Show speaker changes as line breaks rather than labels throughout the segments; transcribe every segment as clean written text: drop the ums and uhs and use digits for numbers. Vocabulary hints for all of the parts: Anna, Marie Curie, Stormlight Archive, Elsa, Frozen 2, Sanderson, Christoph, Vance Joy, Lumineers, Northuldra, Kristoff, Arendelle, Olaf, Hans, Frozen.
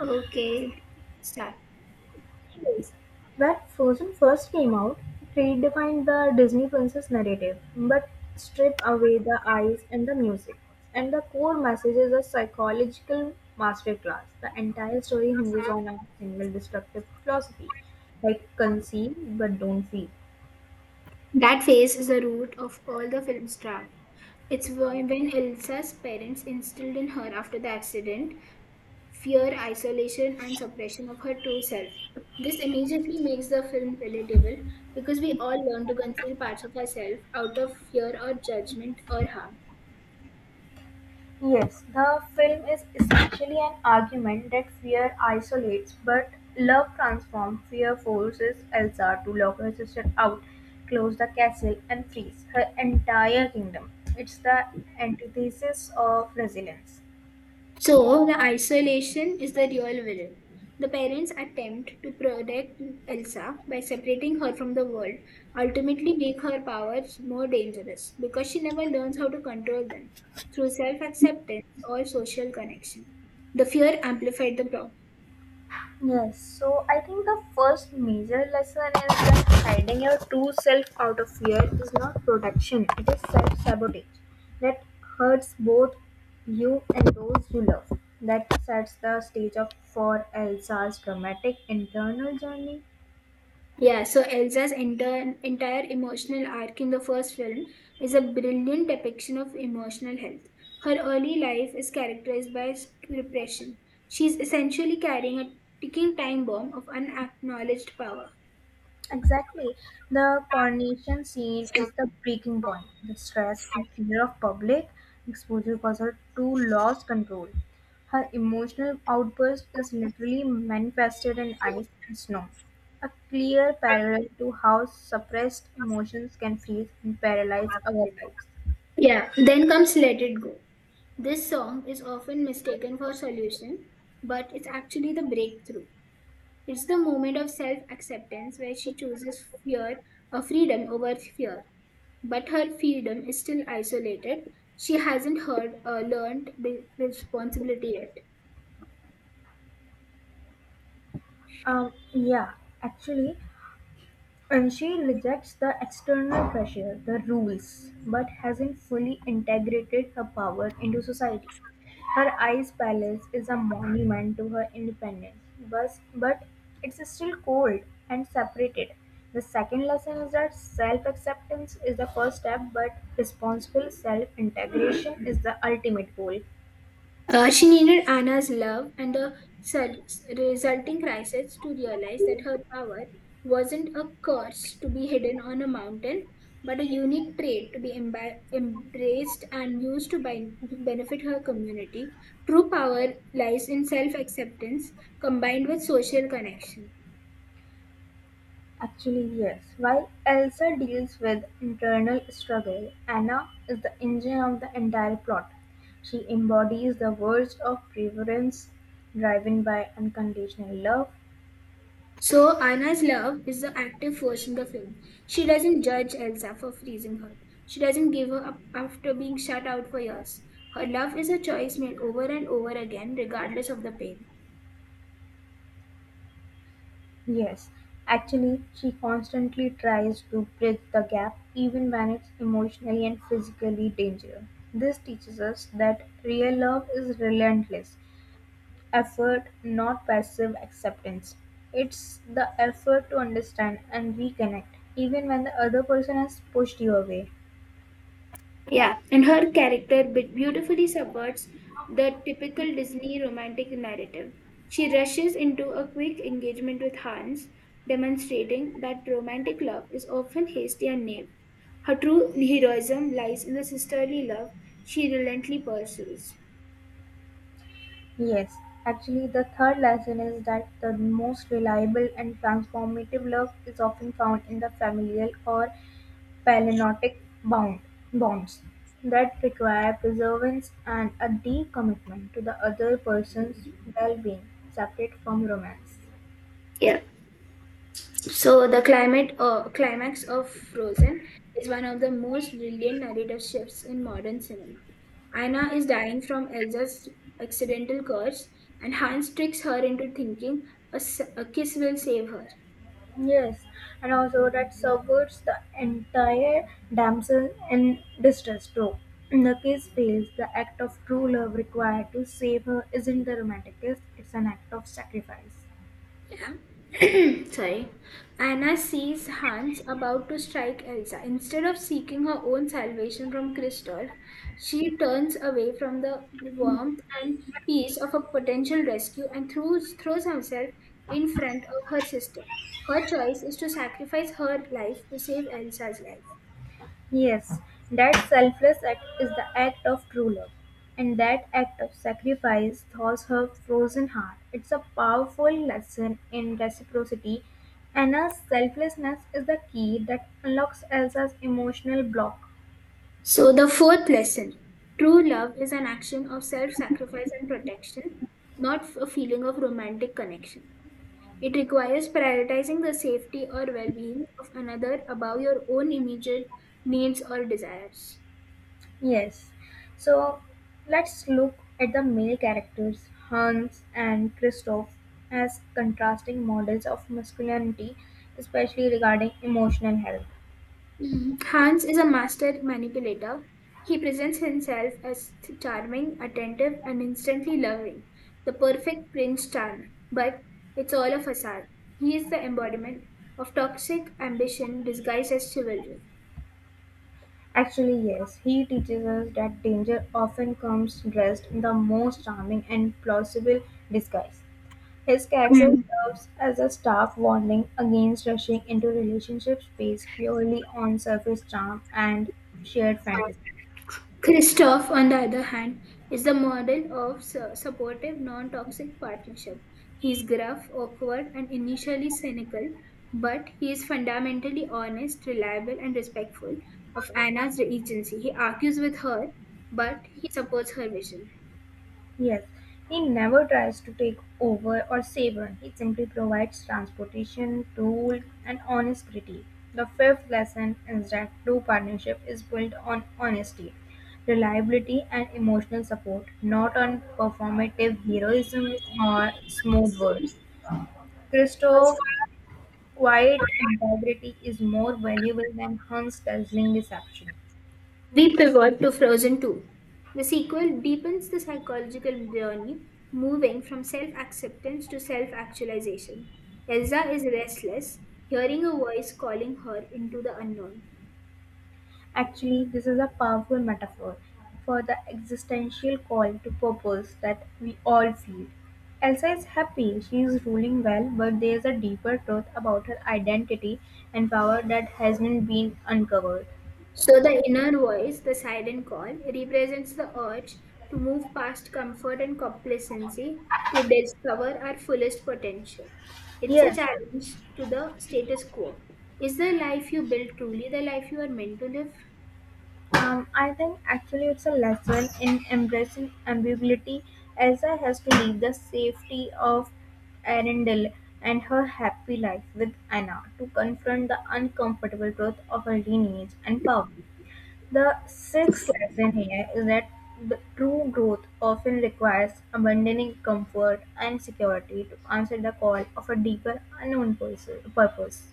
Okay. So
Actually, when Frozen first came out, it redefined the Disney princess narrative, but stripped away the eyes and the music. And the core message is a psychological masterclass. The entire story hinges on a single destructive philosophy like conceive but don't feel.
that phase is the root of all the film's drama. It's when Elsa's parents instilled in her after the accident fear, isolation, and suppression of her true self. This immediately makes the film relatable because we all learn to conceal parts of ourselves out of fear or judgment or harm.
Yes, the film is essentially an argument that fear isolates, but love transforms. Fear forces Elsa to lock her sister out, close the castle, and freeze her entire kingdom. It's the antithesis of resilience.
So, the isolation is the real villain. The parents' attempt to protect Elsa by separating her from the world ultimately make her powers more dangerous because she never learns how to control them through self acceptance or social connection. The fear amplified the problem.
Yes, so I think the first major lesson is that hiding your true self out of fear is not protection, it is self sabotage that hurts both you and those you love. That sets the stage up for Elsa's dramatic internal journey.
Yeah, so entire emotional arc in the first film is a brilliant depiction of emotional health. Her early life is characterized by repression. She's essentially carrying a ticking time bomb of unacknowledged power.
Exactly. The coronation scene is the breaking point. The stress and fear of public exposure cause her to lose control. Her emotional outburst is literally manifested in ice and snow, a clear parallel to how suppressed emotions can freeze and paralyze our lives.
Yeah, then comes Let It Go. This song is often mistaken for solution, but it's actually the breakthrough. It's the moment of self acceptance where she chooses fear or freedom over fear. But her freedom is still isolated. She hasn't heard or learned the responsibility yet.
Yeah, actually, and she rejects the external pressure, the rules, but hasn't fully integrated her power into society. Her ice palace is a monument to her independence, but it's still cold and separated. The second lesson is that self acceptance is the first step, but responsible self integration is the ultimate goal.
She needed Anna's love and the sel- resulting crisis to realize that her power wasn't a curse to be hidden on a mountain, but a unique trait to be embraced and used to benefit her community. True power lies in self acceptance combined with social connection.
Actually, yes. While Elsa deals with internal struggle, Anna is the engine of the entire plot. She embodies the worst of preference driven by unconditional love.
So Anna's love is the active force in the film. She doesn't judge Elsa for freezing her. She doesn't give her up after being shut out for years. Her love is a choice made over and over again, regardless of the pain.
Yes, actually, she constantly tries to bridge the gap even when it's emotionally and physically dangerous. This teaches us that real love is relentless effort, not passive acceptance. It's the effort to understand and reconnect, even when the other person has pushed you away.
Yeah, and her character beautifully subverts the typical Disney romantic narrative. She rushes into a quick engagement with Hans, demonstrating that romantic love is often hasty and naive. Her true heroism lies in the sisterly love she relentlessly pursues.
Yes, actually, the third lesson is that the most reliable and transformative love is often found in the familial or palinodic bound bonds that require perseverance and a deep commitment to the other person's well-being, separate from romance.
Yeah. So the climate climax of Frozen is one of the most brilliant narrative shifts in modern cinema. Anna is dying from Elsa's accidental curse, and Hans tricks her into thinking a kiss will save her.
Yes, and also that subverts the entire damsel in distress trope. The kiss fails. The act of true love required to save her isn't the romantic kiss, it's an act of sacrifice.
Sorry. Anna sees Hans about to strike Elsa. Instead of seeking her own salvation from Kristoff, she turns away from the warmth and peace of a potential rescue and throws herself in front of her sister. Her choice is to sacrifice her life to save Elsa's life.
Yes, that selfless act is the act of true love. And that act of sacrifice thaws her frozen heart. It's a powerful lesson in reciprocity. Anna's selflessness is the key that unlocks Elsa's emotional block.
So, the fourth lesson: true love is an action of self sacrifice and protection, not a feeling of romantic connection. It requires prioritizing the safety or well being of another above your own immediate needs or desires.
Yes. So let's look at the male characters, Hans and Christoph, as contrasting models of masculinity, especially regarding emotional health.
Hmm, Hans is a master manipulator. He presents himself as charming, attentive, and instantly loving, the perfect Prince Charm. But it's all a facade. He is the embodiment of toxic ambition disguised as chivalry.
Actually, yes, he teaches us that danger often comes dressed in the most charming and plausible disguise. His character
Mm.
serves as a stark warning against rushing into relationships based purely on surface charm and shared fantasy.
Christoph, on the other hand, is the model of supportive, non-toxic partnership. He is gruff, awkward, and initially cynical, but he is fundamentally honest, reliable, and respectful of Anna's agency. He argues with her, but he supports her vision.
Yes, he never tries to take over or save her. He simply provides transportation, tool, and honest critique. The fifth lesson is that true partnership is built on honesty, reliability, and emotional support, not on performative heroism or smooth words. Christo, quiet integrity is more valuable than Hunt's dazzling deception.
But to Frozen 2. The sequel deepens the psychological journey, moving from self-acceptance to self-actualization. Elsa is restless, hearing a voice calling her into the unknown.
Actually, this is a powerful metaphor for the existential call to purpose that we all feel. Elsa is happy, she is ruling well, but there is a deeper truth about her identity and power that hasn't been uncovered.
So the inner voice, the siren call, represents the urge to move past comfort and complacency to discover our fullest potential. It's a
Yes,
challenge to the status quo. Is the life you build truly the life you are meant to live?
I think actually it's a lesson in embracing ambiguity. Elsa has to leave the safety of Arendelle and her happy life with Anna to confront the uncomfortable truth of her lineage and power. The sixth lesson here is that the true growth often requires abandoning comfort and security to answer the call of a deeper unknown purpose.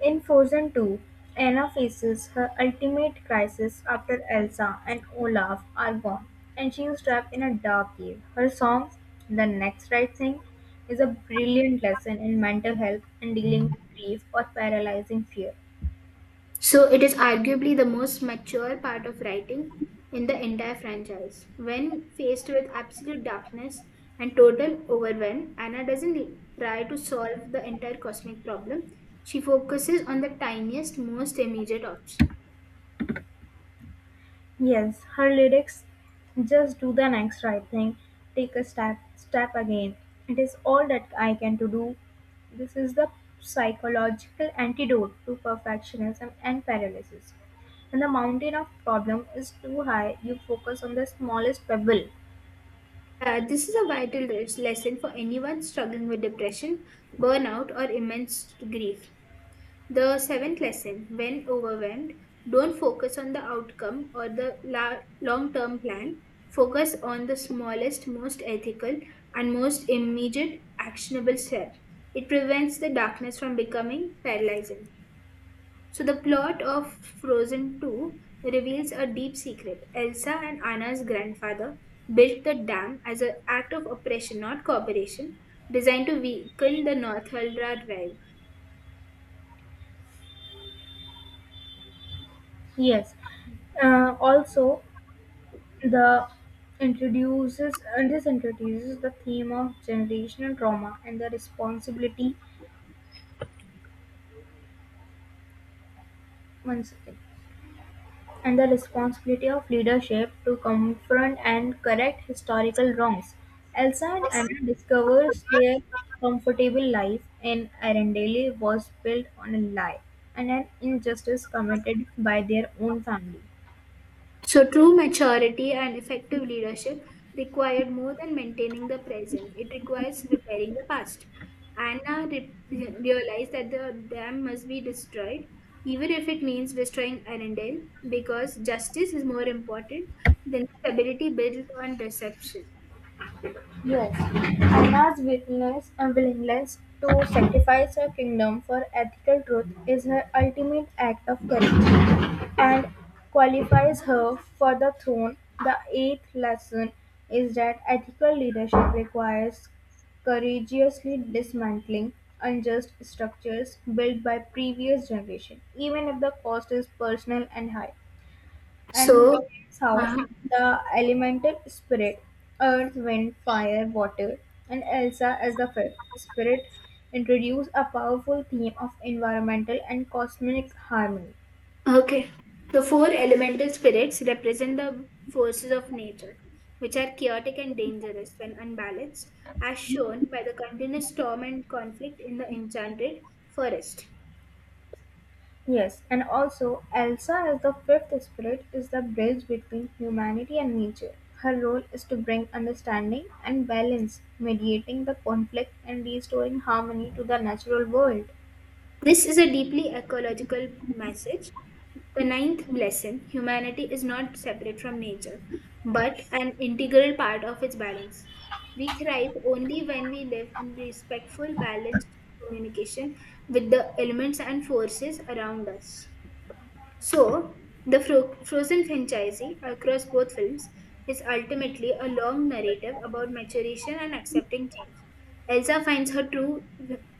In Frozen 2, Anna faces her ultimate crisis after Elsa and Olaf are gone, and she is trapped in a dark cave. Her song, The Next Right Thing, is a brilliant lesson in mental health and dealing with grief or paralyzing fear.
So it is arguably the most mature part of writing in the entire franchise. When faced with absolute darkness and total overwhelm, Anna doesn't try to solve the entire cosmic problem. She focuses on the tiniest, most immediate option.
Yes, her lyrics just do the next right thing, take a step, step again. It is all that I can to do. This is the psychological antidote to perfectionism and paralysis. When the mountain of problem is too high, you focus on the smallest pebble.
This is a vital lesson for anyone struggling with depression, burnout, or immense grief. The seventh lesson: when overwhelmed, don't focus on the outcome or the long term plan. Focus on the smallest, most ethical, and most immediate actionable step. It prevents the darkness from becoming paralyzing. So, the plot of Frozen 2 reveals a deep secret. Elsa and Anna's grandfather built the dam as an act of oppression, not cooperation, designed to weaken the Northuldra tribe.
Yes. Also, the introduces this introduces the theme of generational trauma and the responsibility. One second. And the responsibility of leadership to confront and correct historical wrongs. Elsa and Anna discovers their comfortable life in Arendelle was built on a lie and an injustice committed by their own family.
So true maturity and effective leadership required more than maintaining the present. It requires repairing the past. Anna realized that the dam must be destroyed, even if it means destroying Arendelle, because justice is more important than stability built on deception.
Yes, Anna's weakness and willingness to sacrifice her kingdom for ethical truth is her ultimate act of courage and qualifies her for the throne. The eighth lesson is that ethical leadership requires courageously dismantling unjust structures built by previous generations, even if the cost is personal and high, and
So,
that's how
uh-huh.
the elemental spirit earth wind fire water and Elsa as the fifth spirit introduce a powerful theme of environmental and cosmic harmony.
Okay. The four elemental spirits represent the forces of nature, which are chaotic and dangerous when unbalanced, as shown by the continuous storm and conflict in the enchanted forest.
Yes, and also Elsa as the fifth spirit is the bridge between humanity and nature. Her role is to bring understanding and balance, mediating the conflict and restoring harmony to the natural world.
This is a deeply ecological message. The ninth lesson: humanity is not separate from nature, but an integral part of its balance. We thrive only when we live in respectful, balanced communication with the elements and forces around us. So, the Frozen franchisee across both films is ultimately a long narrative about maturation and accepting change. Elsa finds her true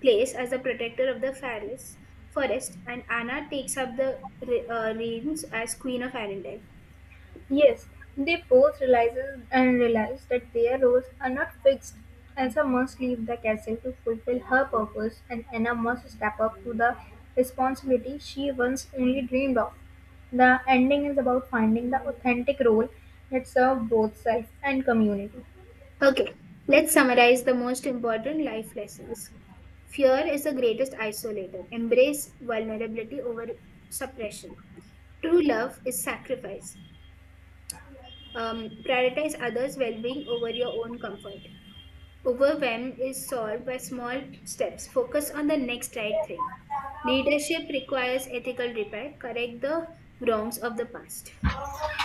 place as the protector of the forest, forest and Anna takes up the reins as Queen of Arendelle.
Yes, they both realize that their roles are not fixed. Elsa must leave the castle to fulfill her purpose, and Anna must step up to the responsibility she once only dreamed of. The ending is about finding the authentic role that serves both self and community.
Okay, let's summarize the most important life lessons. Fear is the greatest isolator. Embrace vulnerability over suppression. True love is sacrifice. Prioritize others' well being over your own comfort. Overwhelm is solved by small steps. Focus on the next right thing. Leadership requires ethical repair. Correct the wrongs of the past.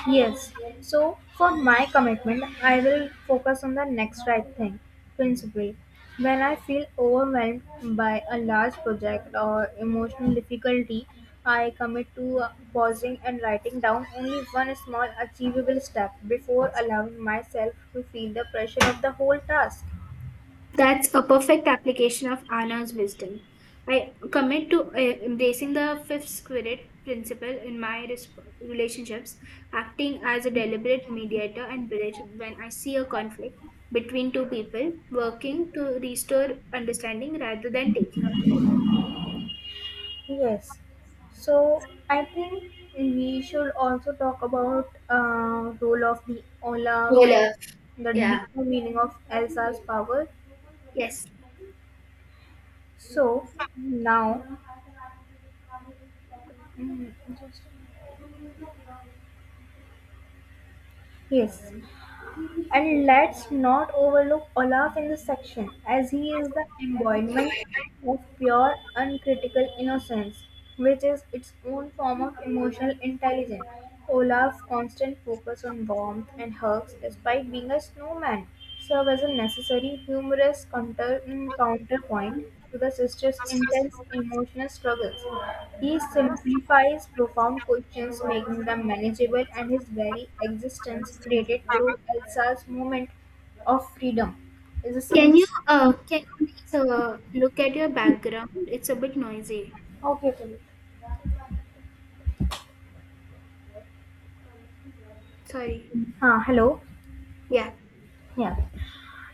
Yes. So for my commitment, I will focus on the next right thing principle. When I feel overwhelmed by a large project or emotional difficulty, I commit to pausing and writing down only one small achievable step before allowing myself to feel the pressure of the whole task.
That's a perfect application of Anna's wisdom. I commit to embracing the fifth spirit principle in my relationships, acting as a deliberate mediator and bridge when I see a conflict between two people, working to restore understanding rather than taking a side.
Yes. So I think we should also talk about role of the Olaf,
Well,
the
yeah.
deeper meaning of Elsa's power.
Yes.
So now, yes, and let's not overlook Olaf in this section, as he is the embodiment of pure, uncritical innocence, which is its own form of emotional intelligence. Olaf's constant focus on warmth and hugs, despite being a snowman, serve as a necessary, humorous counterpoint to the sister's intense emotional struggles. He simplifies profound questions, making them manageable, and his very existence, created through Elsa's moment of freedom, is a symbol.
Can you please look at your background? It's a bit noisy.
Okay, okay.
Sorry.
Ah, hello.
Yeah.
Yeah.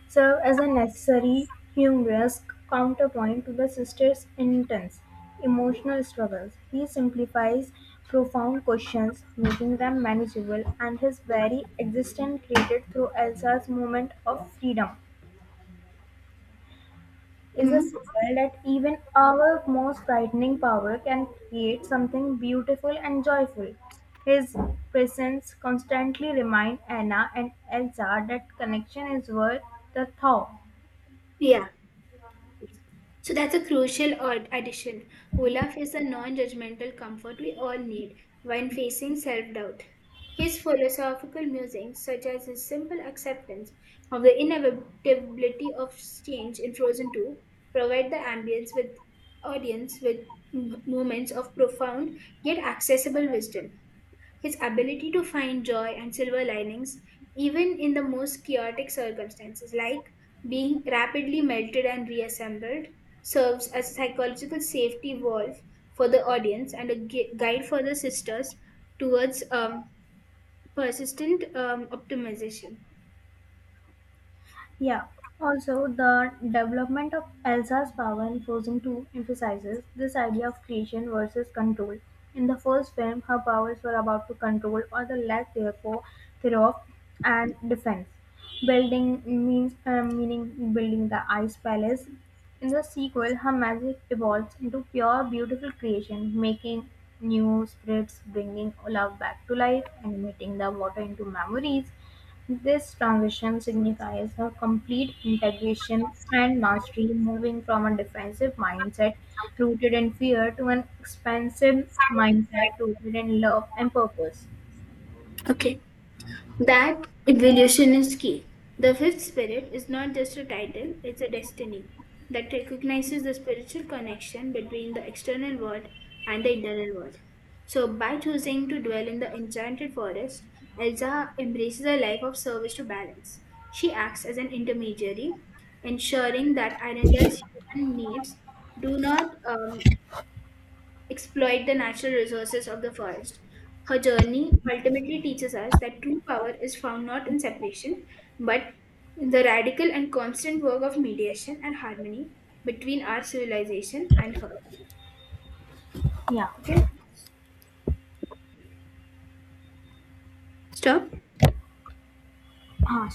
Serve as a necessary, humorous counterpoint to the sister's intense emotional struggles. He simplifies profound questions, making them manageable, and his very existence created through Elsa's moment of freedom is a
Hmm.
symbol that even our most frightening power can create something beautiful and joyful. His presence constantly reminds Anna and Elsa that connection is worth the thought.
Yeah. So that's a crucial addition. Olaf is a non judgmental comfort we all need when facing self doubt. His philosophical musings, such as his simple acceptance of the inevitability of change in Frozen 2, provide the ambience with audience with moments of profound yet accessible wisdom. His ability to find joy and silver linings, even in the most chaotic circumstances, like being rapidly melted and reassembled, serves as a psychological safety valve for the audience and a guide for the sisters towards persistent optimization.
Yeah. Also, the development of Elsa's power in Frozen 2 emphasizes this idea of creation versus control. In the first film, her powers were about to control or the lack therefore thereof and defense. Building means meaning building the ice palace. In the sequel, her magic evolves into pure, beautiful creation, making new spirits, bringing love back to life, animating the water into memories. This transition signifies her complete integration and mastery, moving from a defensive mindset rooted in fear to an expansive mindset rooted in love and purpose.
Okay. That evolution is key. The fifth spirit is not just a title, it's a destiny that recognizes the spiritual connection between the external world and the internal world. So, by choosing to dwell in the enchanted forest, Elsa embraces a life of service to balance. She acts as an intermediary, ensuring that Arendelle's human needs do not exploit the natural resources of the forest. Her journey ultimately teaches us that true power is found not in separation, but in the radical and constant work of mediation and harmony between our civilization and her.
Yeah.
Okay, stop.
Ah,